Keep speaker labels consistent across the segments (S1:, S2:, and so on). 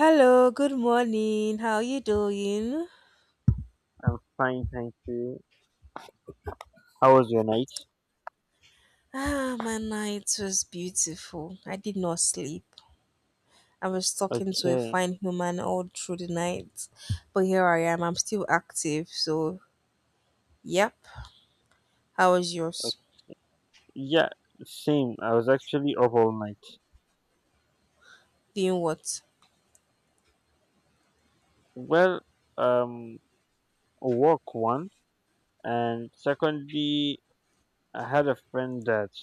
S1: Hello, good morning. How you doing?
S2: I'm fine, thank you. How was your night?
S1: Ah, my night was beautiful. I did not sleep. I was talking to a
S2: Okay.
S1: fine human all through the night. But here I am. I'm still active. So, yep. How was
S2: Okay.
S1: yours?
S2: Yeah, same. I was actually up all night.
S1: Doing what?
S2: Well, um, work one, and secondly, I had a friend that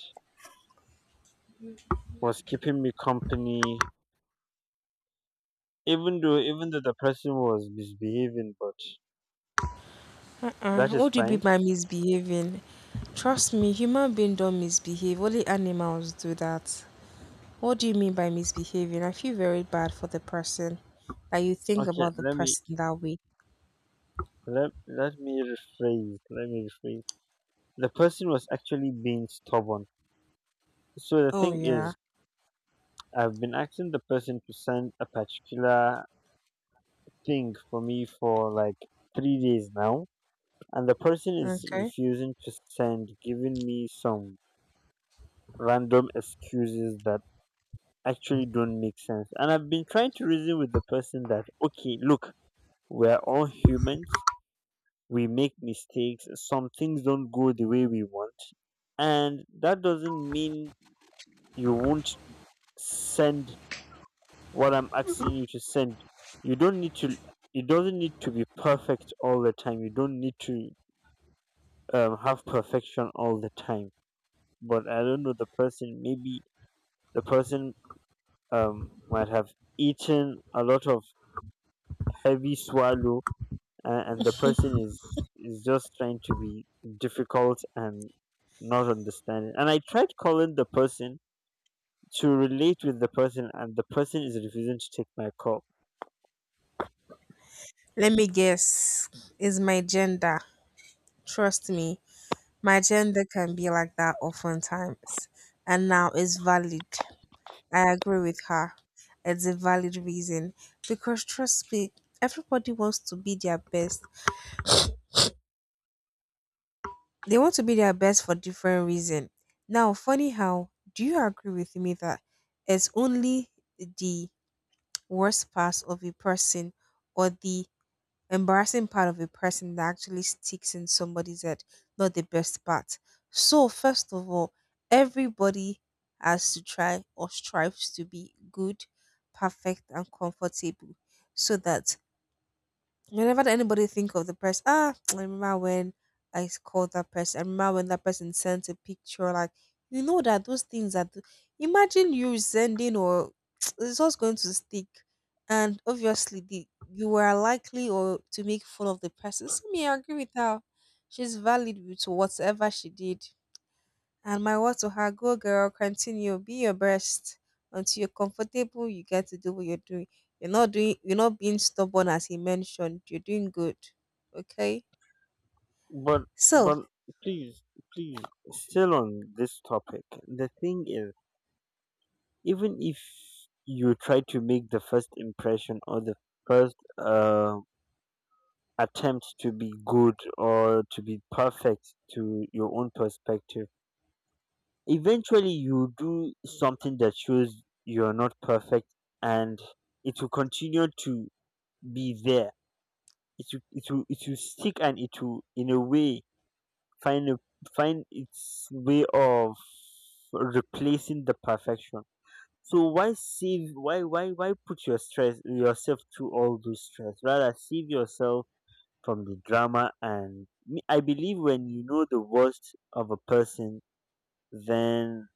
S2: was keeping me company, even though the person was misbehaving, but that is
S1: What do you mean
S2: fine.
S1: by misbehaving? Trust me, human beings don't misbehave. Only animals do that. What do you mean by misbehaving? I feel very bad for the person that you think
S2: Okay,
S1: about the
S2: let me
S1: person that way.
S2: let me rephrase. Let me rephrase. The person was actually being stubborn. So the
S1: Oh
S2: thing
S1: yeah.
S2: is, I've been asking the person to send a particular thing for me for like 3 days now, and the person is
S1: Okay.
S2: refusing to send, giving me some random excuses that actually don't make sense. And I've been trying to reason with the person that, okay, look, we're all humans, we make mistakes, some things don't go the way we want, and that doesn't mean you won't send what I'm asking you to send. You don't need to, it doesn't need to be perfect all the time. You don't need to have perfection all the time. But I don't know, the person, maybe the person might have eaten a lot of heavy swallow, and the person is just trying to be difficult and not understanding. And I tried calling the person to relate with the person, and the person is refusing to take my call.
S1: Let me guess, is my gender. Trust me, my gender can be like that oftentimes. And now it's valid. I agree with her. It's a valid reason. Because trust me, everybody wants to be their best. They want to be their best for different reason. Now, funny how, do you agree with me that it's only the worst parts of a person or the embarrassing part of a person that actually sticks in somebody's head, not the best part. So, first of all, everybody has to try or strives to be good, perfect, and comfortable so that whenever anybody think of the person, ah, I remember when I called that person. I remember when that person sent a picture. Like that those things are. Imagine you sending or it's just going to stick, and obviously the you were likely or to make fun of the person. So me, I agree with her. She's valid with whatever she did. And my word to her, go girl, continue, be your best. Until you're comfortable, you get to do what you're doing. You're not being stubborn as he mentioned. You're doing good. Okay?
S2: But
S1: So
S2: but please, please, still on this topic. The thing is, even if you try to make the first impression or the first attempt to be good or to be perfect to your own perspective, eventually you do something that shows you're not perfect, and it will continue to be there. It will stick, and it will, in a way, find a, find its way of replacing the perfection. So why save, why put your stress, yourself through all those stress? Rather save yourself from the drama. And I believe when you know the worst of a person, then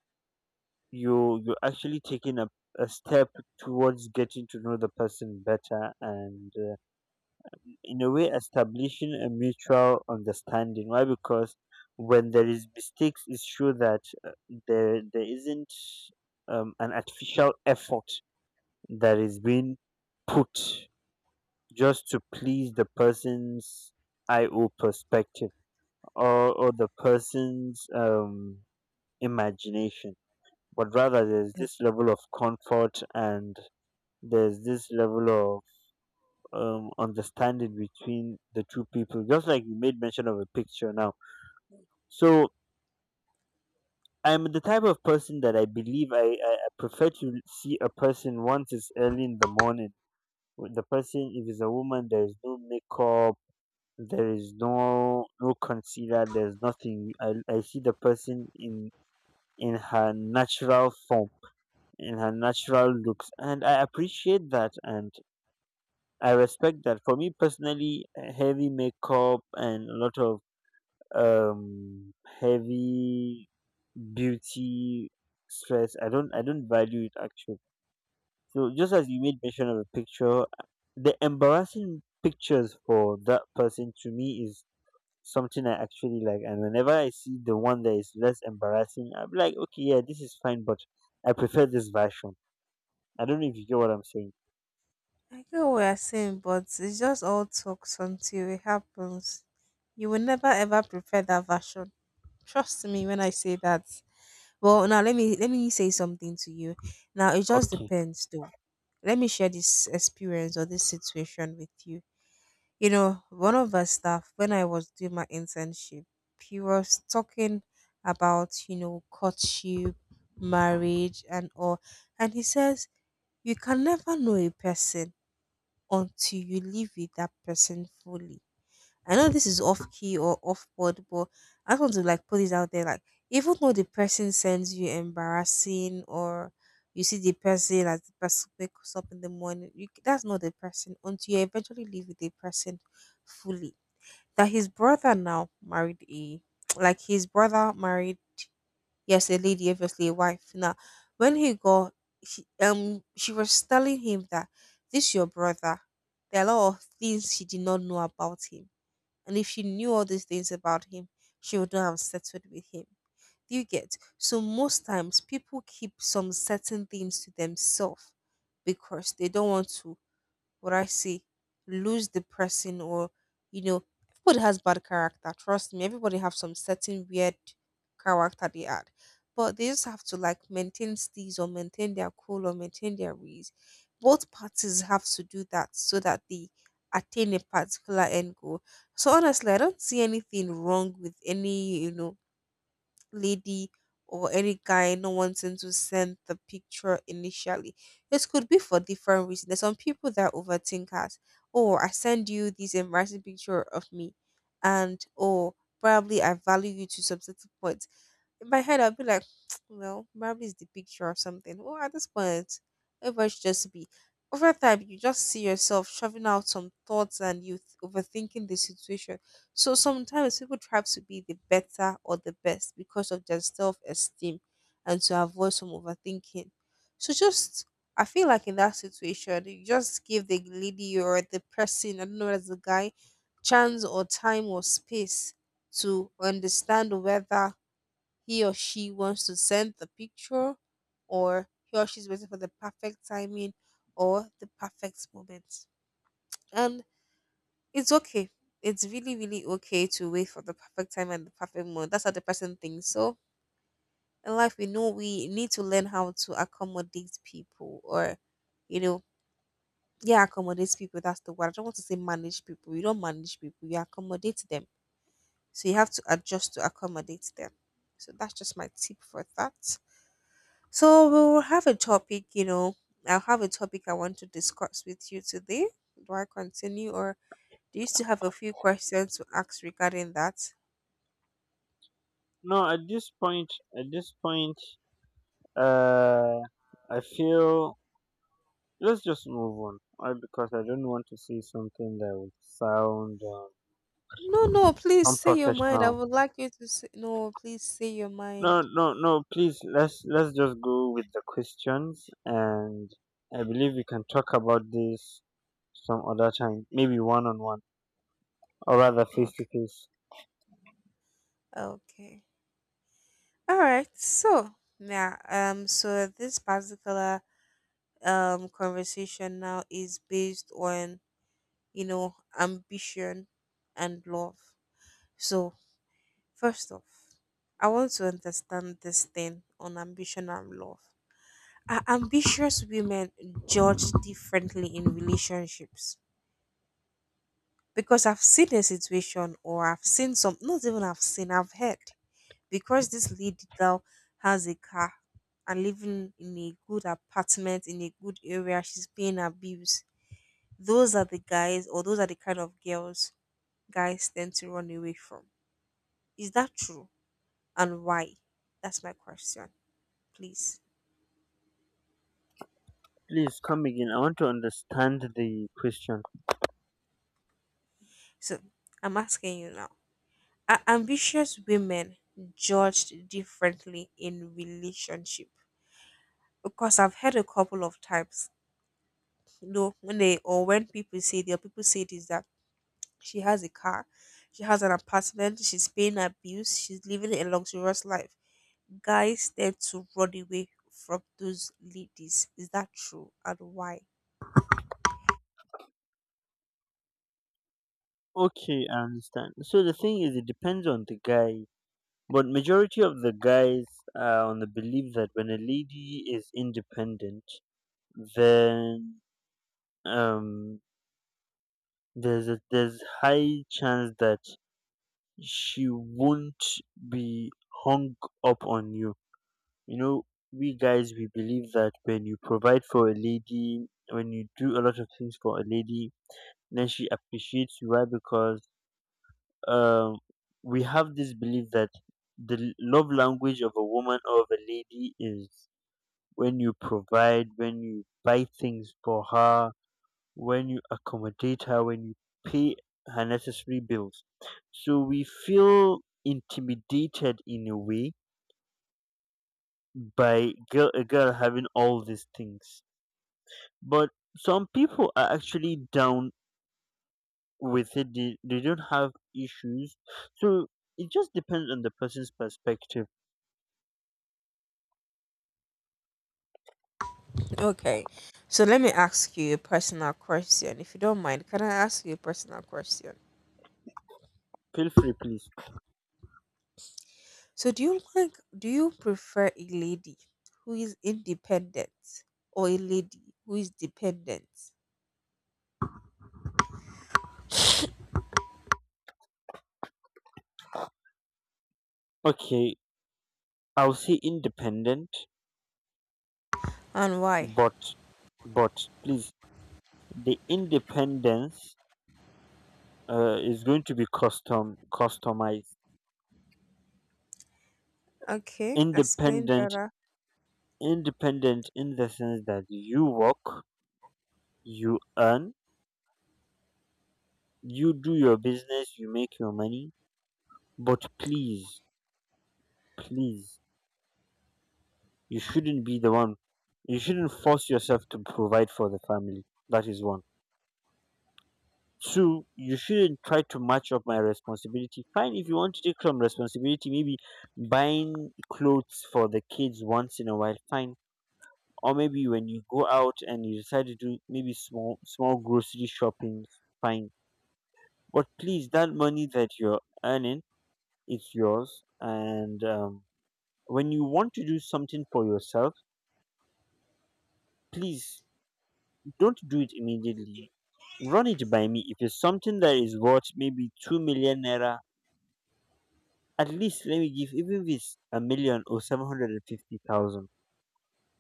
S2: you're actually taking a step towards getting to know the person better, and in a way establishing a mutual understanding. Why? Because when there is mistakes, it's sure that uh, there isn't an artificial effort that is being put just to please the person's io perspective, or the person's imagination, but rather there's this level of comfort and there's this level of understanding between the two people. Just like you made mention of a picture now. So I'm the type of person that I believe I prefer to see a person once it's early in the morning. With the person, if it's a woman, there is no makeup, there is no concealer, there's nothing. I see the person in her natural form, in her natural looks, and I appreciate that and I respect that. For me personally, heavy makeup and a lot of um heavy beauty stress, I don't value it actually. So just as you made mention of a picture, the embarrassing pictures for that person, to me, is something I actually like. And whenever I see the one that is less embarrassing, I'm like, okay, yeah, this is fine, but I prefer this version. I don't know if you get what I'm saying.
S1: I get what you're saying, but it's just all talks until it happens. You will never ever prefer that version. Trust me when I say that. Well now let me say something to you. Now it just
S2: Okay,
S1: depends though. Let me share this experience or this situation with you. You know, one of the staff, when I was doing my internship, he was talking about, you know, courtship, marriage, and all. And he says, you can never know a person until you live with that person fully. I know this is off key or off board, but I just want to like put this out there. Like, even though the person sends you embarrassing or you see the person as the person wakes up in the morning, you, that's not the person until you eventually live with the person fully. That his brother now married a like his brother married, yes, a lady, obviously a wife now. When he got, she was telling him that this your brother, there are a lot of things she did not know about him, and if she knew all these things about him, she would not have settled with him. Do you get? So most times people keep some certain things to themselves because they don't want to, what I say, lose the person or, you know, everybody has bad character. Trust me, everybody have some certain weird character they had. But they just have to like maintain steeze or maintain their cool or maintain their ways. Both parties have to do that so that they attain a particular end goal. So honestly, I don't see anything wrong with any, you know, lady or any guy no wanting to send the picture initially. This could be for different reasons. There's some people that overthink us. Oh, I send you this embarrassing picture of me and oh probably I value you to some certain point. In my head, I'll be like, well, Barbie is the picture of something. Well, at this point, everybody should just be. Over time, you just see yourself shoving out some thoughts and you overthinking the situation. So sometimes people try to be the better or the best because of their self esteem and to avoid some overthinking. So just, I feel like in that situation, you just give the lady or the person, I don't know, as a guy, chance or time or space to understand whether he or she wants to send the picture, or he or she's waiting for the perfect timing or the perfect moment. And it's okay. It's really, really okay to wait for the perfect time and the perfect moment. That's how the person thinks. So in life, we know we need to learn how to accommodate people, or you know, yeah, accommodate people. That's the word. I don't want to say manage people. You don't manage people. You accommodate them. So you have to adjust to accommodate them. So that's just my tip for that. So we'll have a topic, you know, I'll have a topic I want to discuss with you today. Do I continue or do you still have a few questions to ask regarding that?
S2: no, at this point, at this point, uh I feel, let's just move on. Because I don't want to see something that would sound
S1: No, no, please say your mind. I
S2: unprofessional.
S1: would like you to say, no, please say your
S2: No,
S1: mind.
S2: no, no. Please, let's just go with the questions, and I believe we can talk about this some other time, maybe one on one, or rather face to
S1: Okay.
S2: face.
S1: Okay. All right. So now, so this particular conversation now is based on, you know, ambition and love. So first off, I want to understand this thing on ambition and love. Are ambitious women judged differently in relationships? Because I've seen a situation, or I've seen some, not even I've seen, I've heard. Because this lady now has a car and living in a good apartment, in a good area, she's paying her bills. Those are the guys, or those are the kind of girls guys tend to run away from. Is that true? And why? That's my question. Please.
S2: Please come again. I want to understand the question.
S1: So I'm asking you now. Are ambitious women judged differently in relationship? Because I've heard a couple of times, you know, when they or when people say their people say this that she has a car, she has an apartment, she's paying her bills, she's living a luxurious life. Guys tend to run away from those ladies. Is that true? And why?
S2: Okay, I understand. So the thing is, it depends on the guy, but majority of the guys are on the belief that when a lady is independent, then um, there's a, there's high chance that she won't be hung up on you. You know, we guys we believe that when you provide for a lady, when you do a lot of things for a lady, then she appreciates you. Why? Because um, we have this belief that the love language of a woman or of a lady is when you provide, when you buy things for her, when you accommodate her, when you pay her necessary bills. So we feel intimidated in a way by a girl having all these things. But some people are actually down with it. They don't have issues. So it just depends on the person's perspective.
S1: Okay. So let me ask you a personal question. If you don't mind, can I ask you a personal question?
S2: Feel free, please.
S1: So do you like do you prefer a lady who is independent or a lady who is dependent
S2: Okay, I'll say independent,
S1: and why?
S2: but, but please, the independence is going to be customized.
S1: Okay, explain
S2: Independent,
S1: better.
S2: independent in the sense that you work, you earn, you do your business, you make your money. But please, please, you shouldn't be the one, you shouldn't force yourself to provide for the family. That is one. Two, you shouldn't try to match up my responsibility. Fine, if you want to take some responsibility, maybe buying clothes for the kids once in a while, fine. Or maybe when you go out and you decide to do maybe small small grocery shopping, fine. But please, that money that you're earning, it's yours. And when you want to do something for yourself, please, don't do it immediately. Run it by me. If it's something that is worth maybe 2 million naira, at least let me give, even if it's a million or 750,000.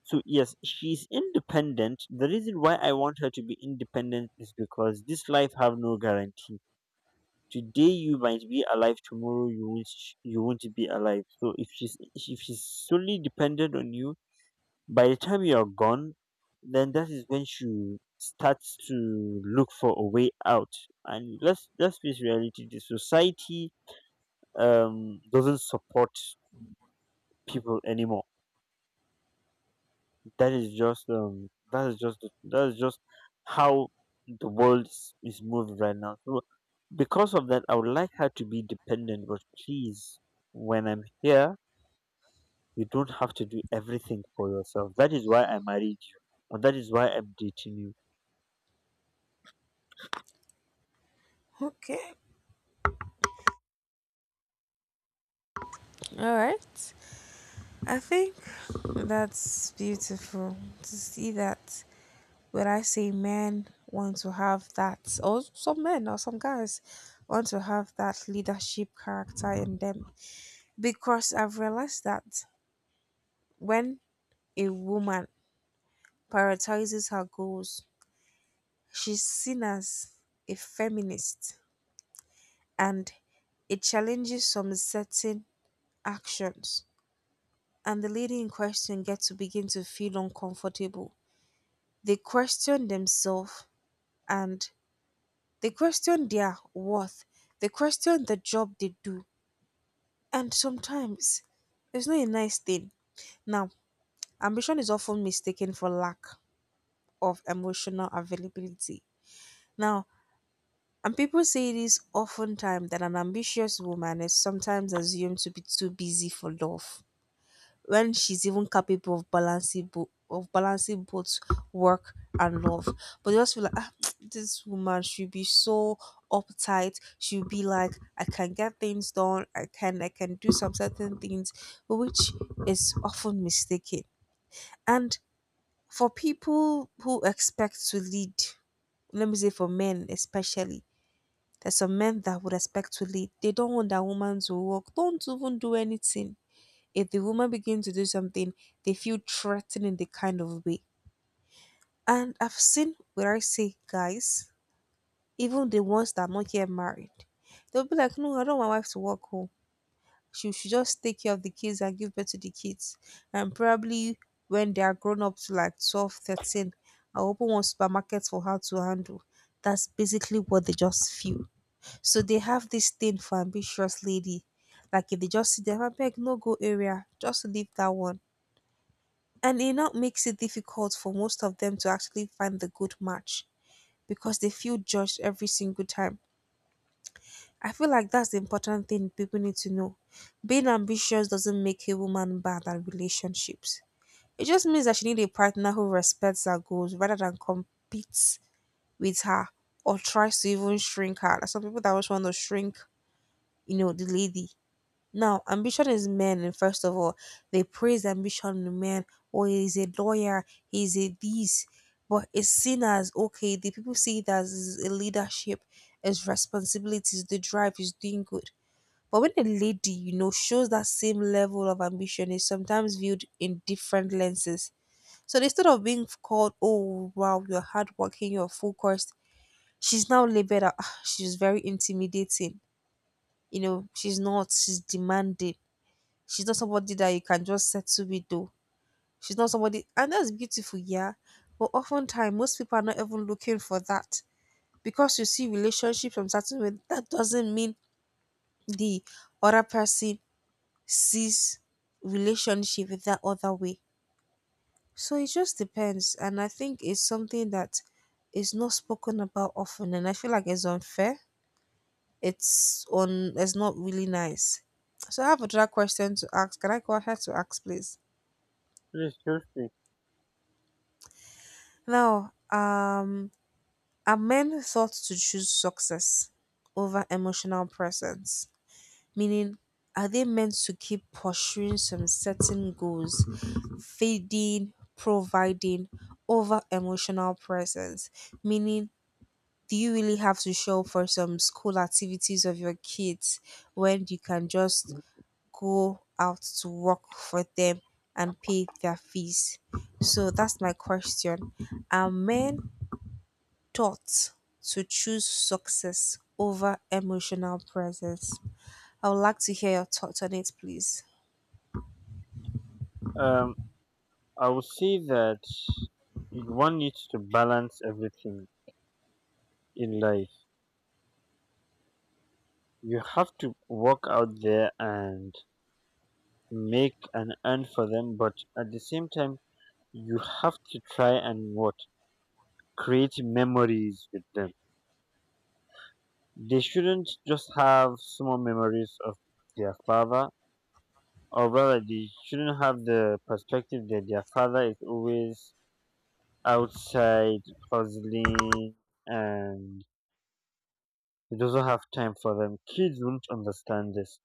S2: So yes, she's independent. The reason why I want her to be independent is because this life have no guarantee. Today you might be alive, tomorrow you won't. You won't be alive. So if she's solely dependent on you, by the time you are gone, then that is when she starts to look for a way out. And let's face reality: the society doesn't support people anymore. That is just that is just how the world is moving right now. So because of that, I would like her to be dependent. But please, when I'm here, you don't have to do everything for yourself. That is why I married you, and that is why I'm dating you.
S1: Okay, all right. I think that's beautiful to see that when I say men want to have that, or some men or some guys want to have that leadership character in them. Because I've realized that when a woman prioritizes her goals, she's seen as a feminist, and it challenges some certain actions, and the lady in question gets to begin to feel uncomfortable. They question themselves and they question their worth, they question the job they do, and sometimes it's not a nice thing. Now, ambition is often mistaken for lack of emotional availability. Now, and people say it is oftentimes that an ambitious woman is sometimes assumed to be too busy for love, when she's even capable of balancing both work and love. But they just feel like ah, this woman should be so uptight. She'll be like, I can get things done. I can do some certain things, which is often mistaken. And for people who expect to lead, let me say for men especially there's some men that would respectfully, they don't want that woman to work. Don't even do anything. If the woman begins to do something, they feel threatened in the kind of way. And I've seen where I say guys, even the ones that are not yet married, they'll be like, no, I don't want my wife to work home. She should just take care of the kids and give birth to the kids. And probably when they are grown up to like 12, 13, I'll open one supermarket for her to handle. That's basically what they just feel. So they have this thing for ambitious lady. Like if they just see them I beg, no go area, just leave that one. And it now makes it difficult for most of them to actually find the good match because they feel judged every single time. I feel like that's the important thing people need to know. Being ambitious doesn't make a woman bad at relationships. It just means that she needs a partner who respects her goals rather than competes with her or tries to even shrink her. Like some people that always want to shrink, you know, the lady. Now, ambition is men, and first of all, they praise ambition in men. Oh, he's a lawyer, he's a this. But it's seen as okay, the people see it as a leadership, as responsibilities, the drive is doing good. But when a lady, you know, shows that same level of ambition, is sometimes viewed in different lenses. So instead of being called, oh wow, you're hardworking, you're focused, she's now labeled, as, "Ah, she's very intimidating. You know, she's not, she's demanding. She's not somebody that you can just settle with though. She's not somebody, and that's beautiful, yeah. But oftentimes most people are not even looking for that. Because you see relationships from certain way, that doesn't mean the other person sees relationship with that other way. So it just depends. And I think it's something that is not spoken about often and I feel like it's unfair. It's not really nice. So I have another question to ask. Can I go ahead to ask please?
S2: Yes, seriously.
S1: Now, are men thought to choose success over emotional presence? Meaning, are they meant to keep pursuing some certain goals, feeding, providing over emotional presence? Meaning, do you really have to show up for some school activities of your kids when you can just go out to work for them and pay their fees? So that's my question. Are men thoughts to choose success over emotional presence. I would like to hear your thoughts on it, please.
S2: Um, I would say that one needs to balance everything in life. You have to walk out there and make an earn for them, but at the same time, you have to try and what create memories with them. They shouldn't just have small memories of their father, or rather, they shouldn't have the perspective that their father is always outside hustling and he doesn't have time for them. Kids won't understand this.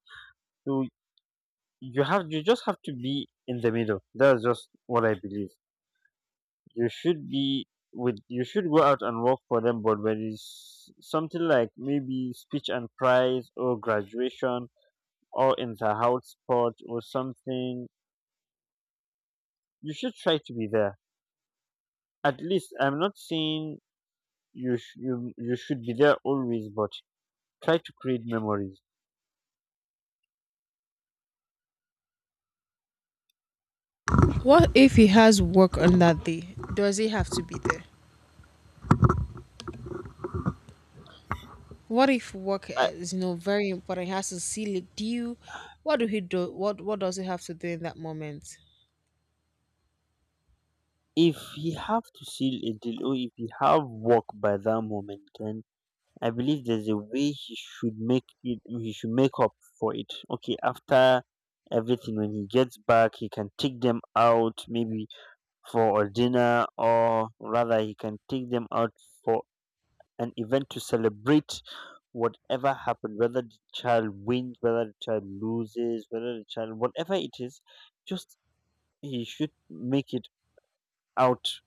S2: So you just have to be in the middle. That's just what I believe. You should be with you should go out and work for them, but when it's something like maybe speech and prize or graduation or inter-house sport or something, you should try to be there. At least I'm not saying you should be there always, but try to create memories.
S1: What if on that day does it have to be there? What if work
S2: uh,
S1: is very important? He has to seal a deal. What do he do? What does he have to do in that moment?
S2: if you have to seal a deal or if you have work by that moment, then I believe there's a way he should make it he should make up for it. Okay, after everything, when he gets back, he can take them out maybe for a dinner, or rather he can take them out for an event to celebrate whatever happened, whether the child wins, whether the child loses, whether the child whatever it is. Just he should make it out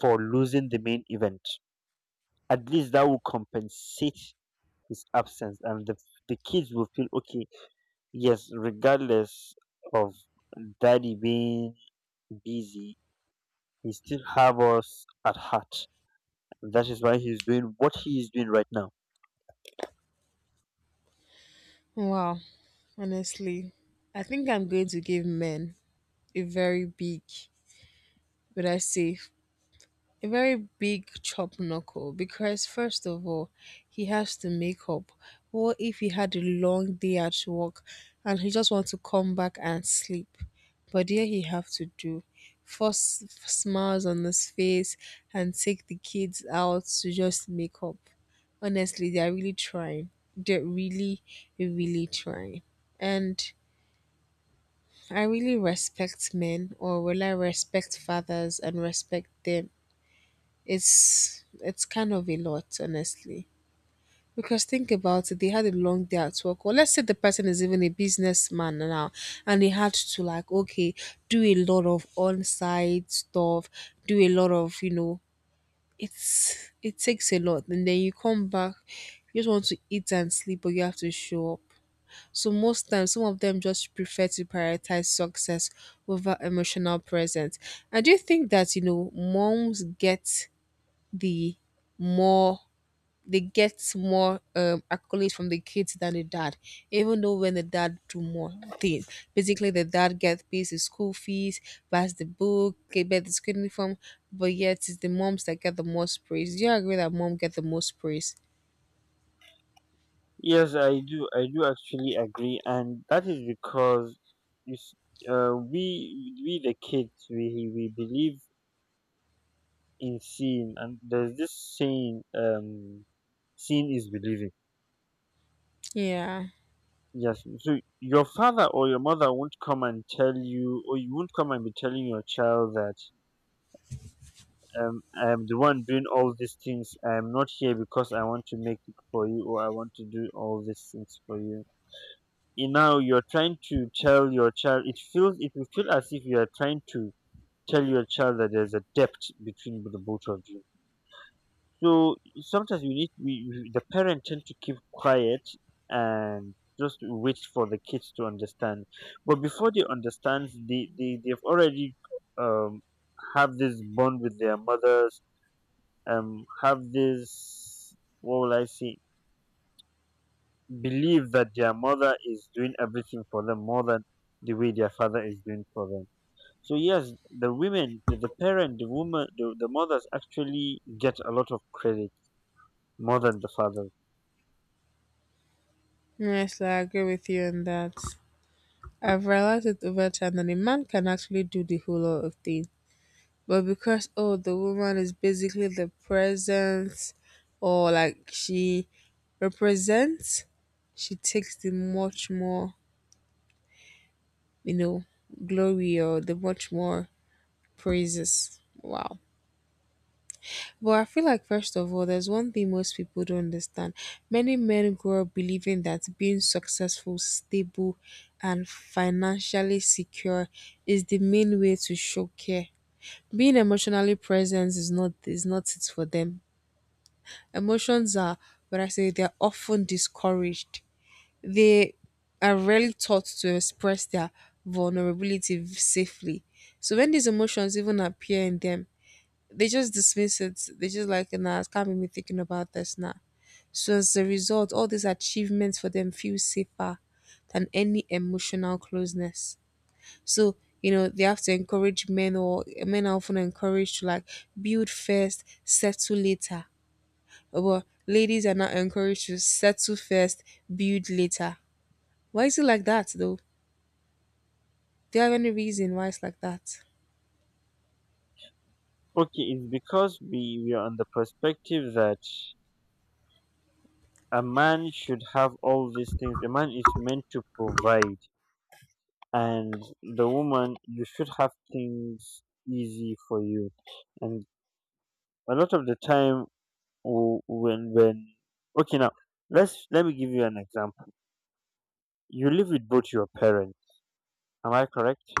S2: for losing the main event. At least that will compensate his absence, and the kids will feel okay. Yes, regardless of daddy being busy, he still have us at heart. That is why he's doing what he is doing right now.
S1: Wow, honestly, I think I'm going to give men a very big, would I say, a very big chop knuckle because, first of all, he has to make up. What if he had a long day at work and he just wants to come back and sleep? But here he have to do force smiles on his face and take the kids out to just make up. Honestly, they are really trying. They're really, really trying. And I really respect men, or will I respect fathers and respect them, it's kind of a lot, honestly. Because think about it, they had a long day at work. Or let's say the person is even a businessman now and he had to like, okay, do a lot of on site stuff, do a lot of, it takes a lot. And then you come back, you just want to eat and sleep, but you have to show up. So most times, some of them just prefer to prioritize success over emotional presence. And do you think that moms get the more they get more accolades from the kids than the dad, even though when the dad do more things, basically the dad gets pays the school fees, buys the book, get the school uniform, but yet it's the moms that get the most praise. Do you agree that mom get the most praise?
S2: Yes, I do actually agree, and that is because you s we the kids, we believe in seeing, and there's this saying, seeing is believing.
S1: Yeah,
S2: Yes. So your father or your mother won't come and tell you, or you won't come and be telling your child that I am the one doing all these things. I am not here because I want to make it for you, or I want to do all these things for you. And now you're trying to tell your child, it feels, it will feel as if you are trying to tell your child that there's a debt between the both of you. So sometimes we the parent tend to keep quiet and just wait for the kids to understand. But before they understand, they've already um have this bond with their mothers. Have this, what will I say? Believe that their mother is doing everything for them more than the way their father is doing for them. So yes, the women, the parent, the woman, the mothers actually get a lot of credit more than the fathers.
S1: yes, I agree with you on that. I've realized it over time that a man can actually do the whole lot of things, but because oh, the woman is basically the presence, or like she represents, she takes the much more, you know, glory or the much more praises. Wow. But I feel like, first of all, there's one thing most people don't understand. Many men grow up believing that being successful, stable, and financially secure is the main way to show care. Being emotionally present is not it for them. Emotions are, when I say they're often discouraged. They are rarely taught to express their vulnerability safely. So when these emotions even appear in them, they just dismiss it. They just like, nah, it can't be me thinking about this now. So as a result, all these achievements for them feel safer than any emotional closeness. So, they have to encourage men or men are often encouraged to like build first, settle later. But ladies are not encouraged to settle first, build later. Why is it like that though? Do you have any reason why it's like that?
S2: Okay, it's because we are on the perspective that a man should have all these things. A man is meant to provide, and the woman, you should have things easy for you. And a lot of the time, w- when okay now, let me give you an example. You live with both your parents. Am I correct?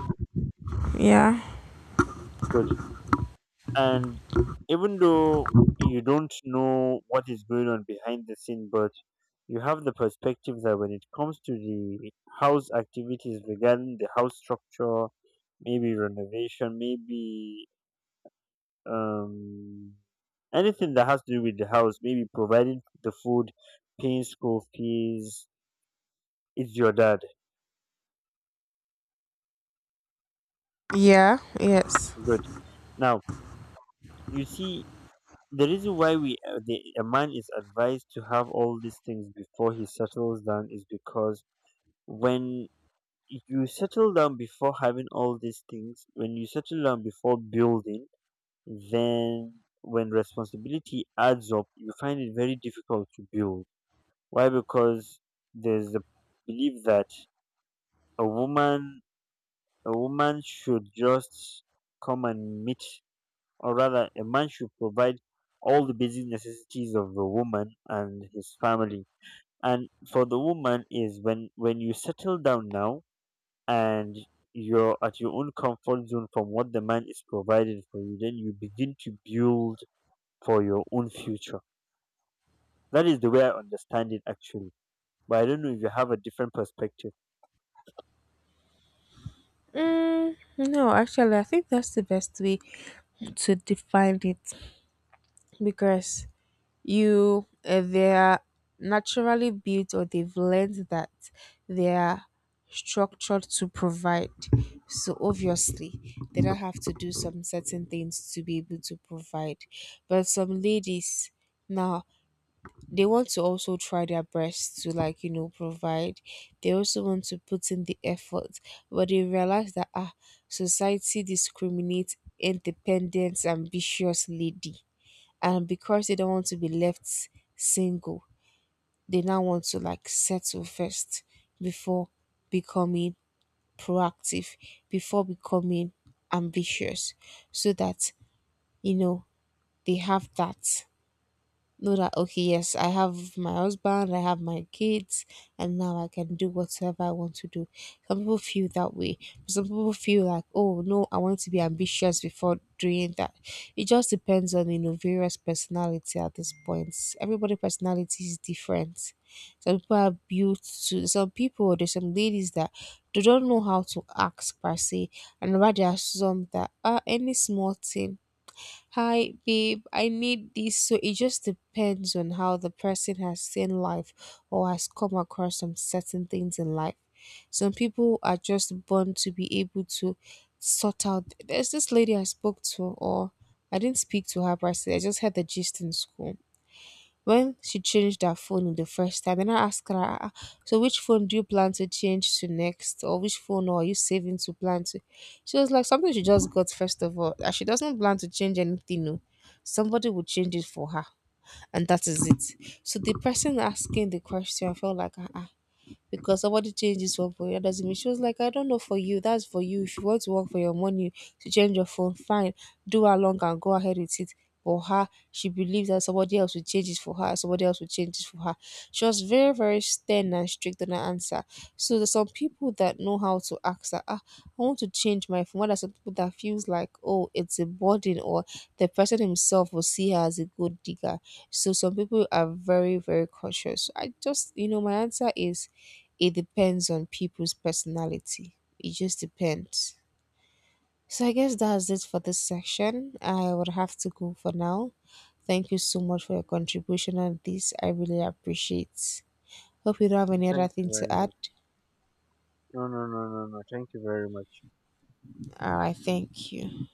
S2: Good. And even though you don't know what is going on behind the scene, but you have the perspective that when it comes to the house activities regarding the house structure, maybe renovation, maybe um, anything that has to do with the house, maybe providing the food, paying school fees, it's your dad.
S1: Yeah, yes.
S2: Good. Now, you see, the reason why a man is advised to have all these things before he settles down is because when you settle down before having all these things, when you settle down before building, then when responsibility adds up, you find it very difficult to build. Why? Because there's the belief that a woman a woman should just come and meet or rather a man should provide all the basic necessities of a woman and his family. And for the woman, is when you settle down now and you're at your own comfort zone from what the man is providing for you, then you begin to build for your own future. That is the way I understand it actually. But I don't know if you have a different perspective.
S1: Mm, no, actually, I think that's the best way to define it because you they're naturally built or they've learned that they're structured to provide. So obviously, they don't have to do some certain things to be able to provide. But some ladies now they want to also try their best to like provide, they also want to put in the effort, but they realize that ah, society discriminates independent ambitious lady, and because they don't want to be left single, they now want to like settle first before becoming proactive, before becoming ambitious, so that you know they have that, know that okay, yes, I have my husband, I have my kids, and now I can do whatever I want to do. Some people feel that way. Some people feel like oh no, I want to be ambitious before doing that. It just depends on various personality at this point. Everybody personality is different. Some people are built to Some people, there's some ladies that they don't know how to ask per se, and rather there are some that are any small thing, hi babe, I need this. So it just depends on how the person has seen life or has come across some certain things in life. Some people are just born to be able to sort out. There's this lady I spoke to, or I didn't speak to her, but I just had the gist in school. When she changed her phone the first time, and I asked her, "Ah, ah, so, which phone do you plan to change to next? Or which phone are you saving to plan to?" She was like, something she just got, first of all. And she doesn't plan to change anything, no. Somebody will change it for her. And that is it. So, the person asking the question, I felt like, ah, ah, because somebody changes his for the other team. She was like, I don't know for you, that's for you. If you want to work for your money to change your phone, fine, do along and go ahead with it. For her, she believes that somebody else will change it for her, somebody else will change it for her. She was very, very stern and strict on her answer. So there's some people that know how to ask that, ah, I want to change my phone. Well, there's some people that feels like, oh, it's a burden or the person himself will see her as a good digger. So some people are very, very cautious. I just, my answer is it depends on people's personality. It just depends. So I guess that's it for this section. I would have to go for now. Thank you so much for your contribution on this. I really appreciate. Hope you don't have any other
S2: Thank
S1: thing
S2: you
S1: to
S2: very
S1: add.
S2: much. No, no, no, no, no. Thank you very much.
S1: All right, thank you.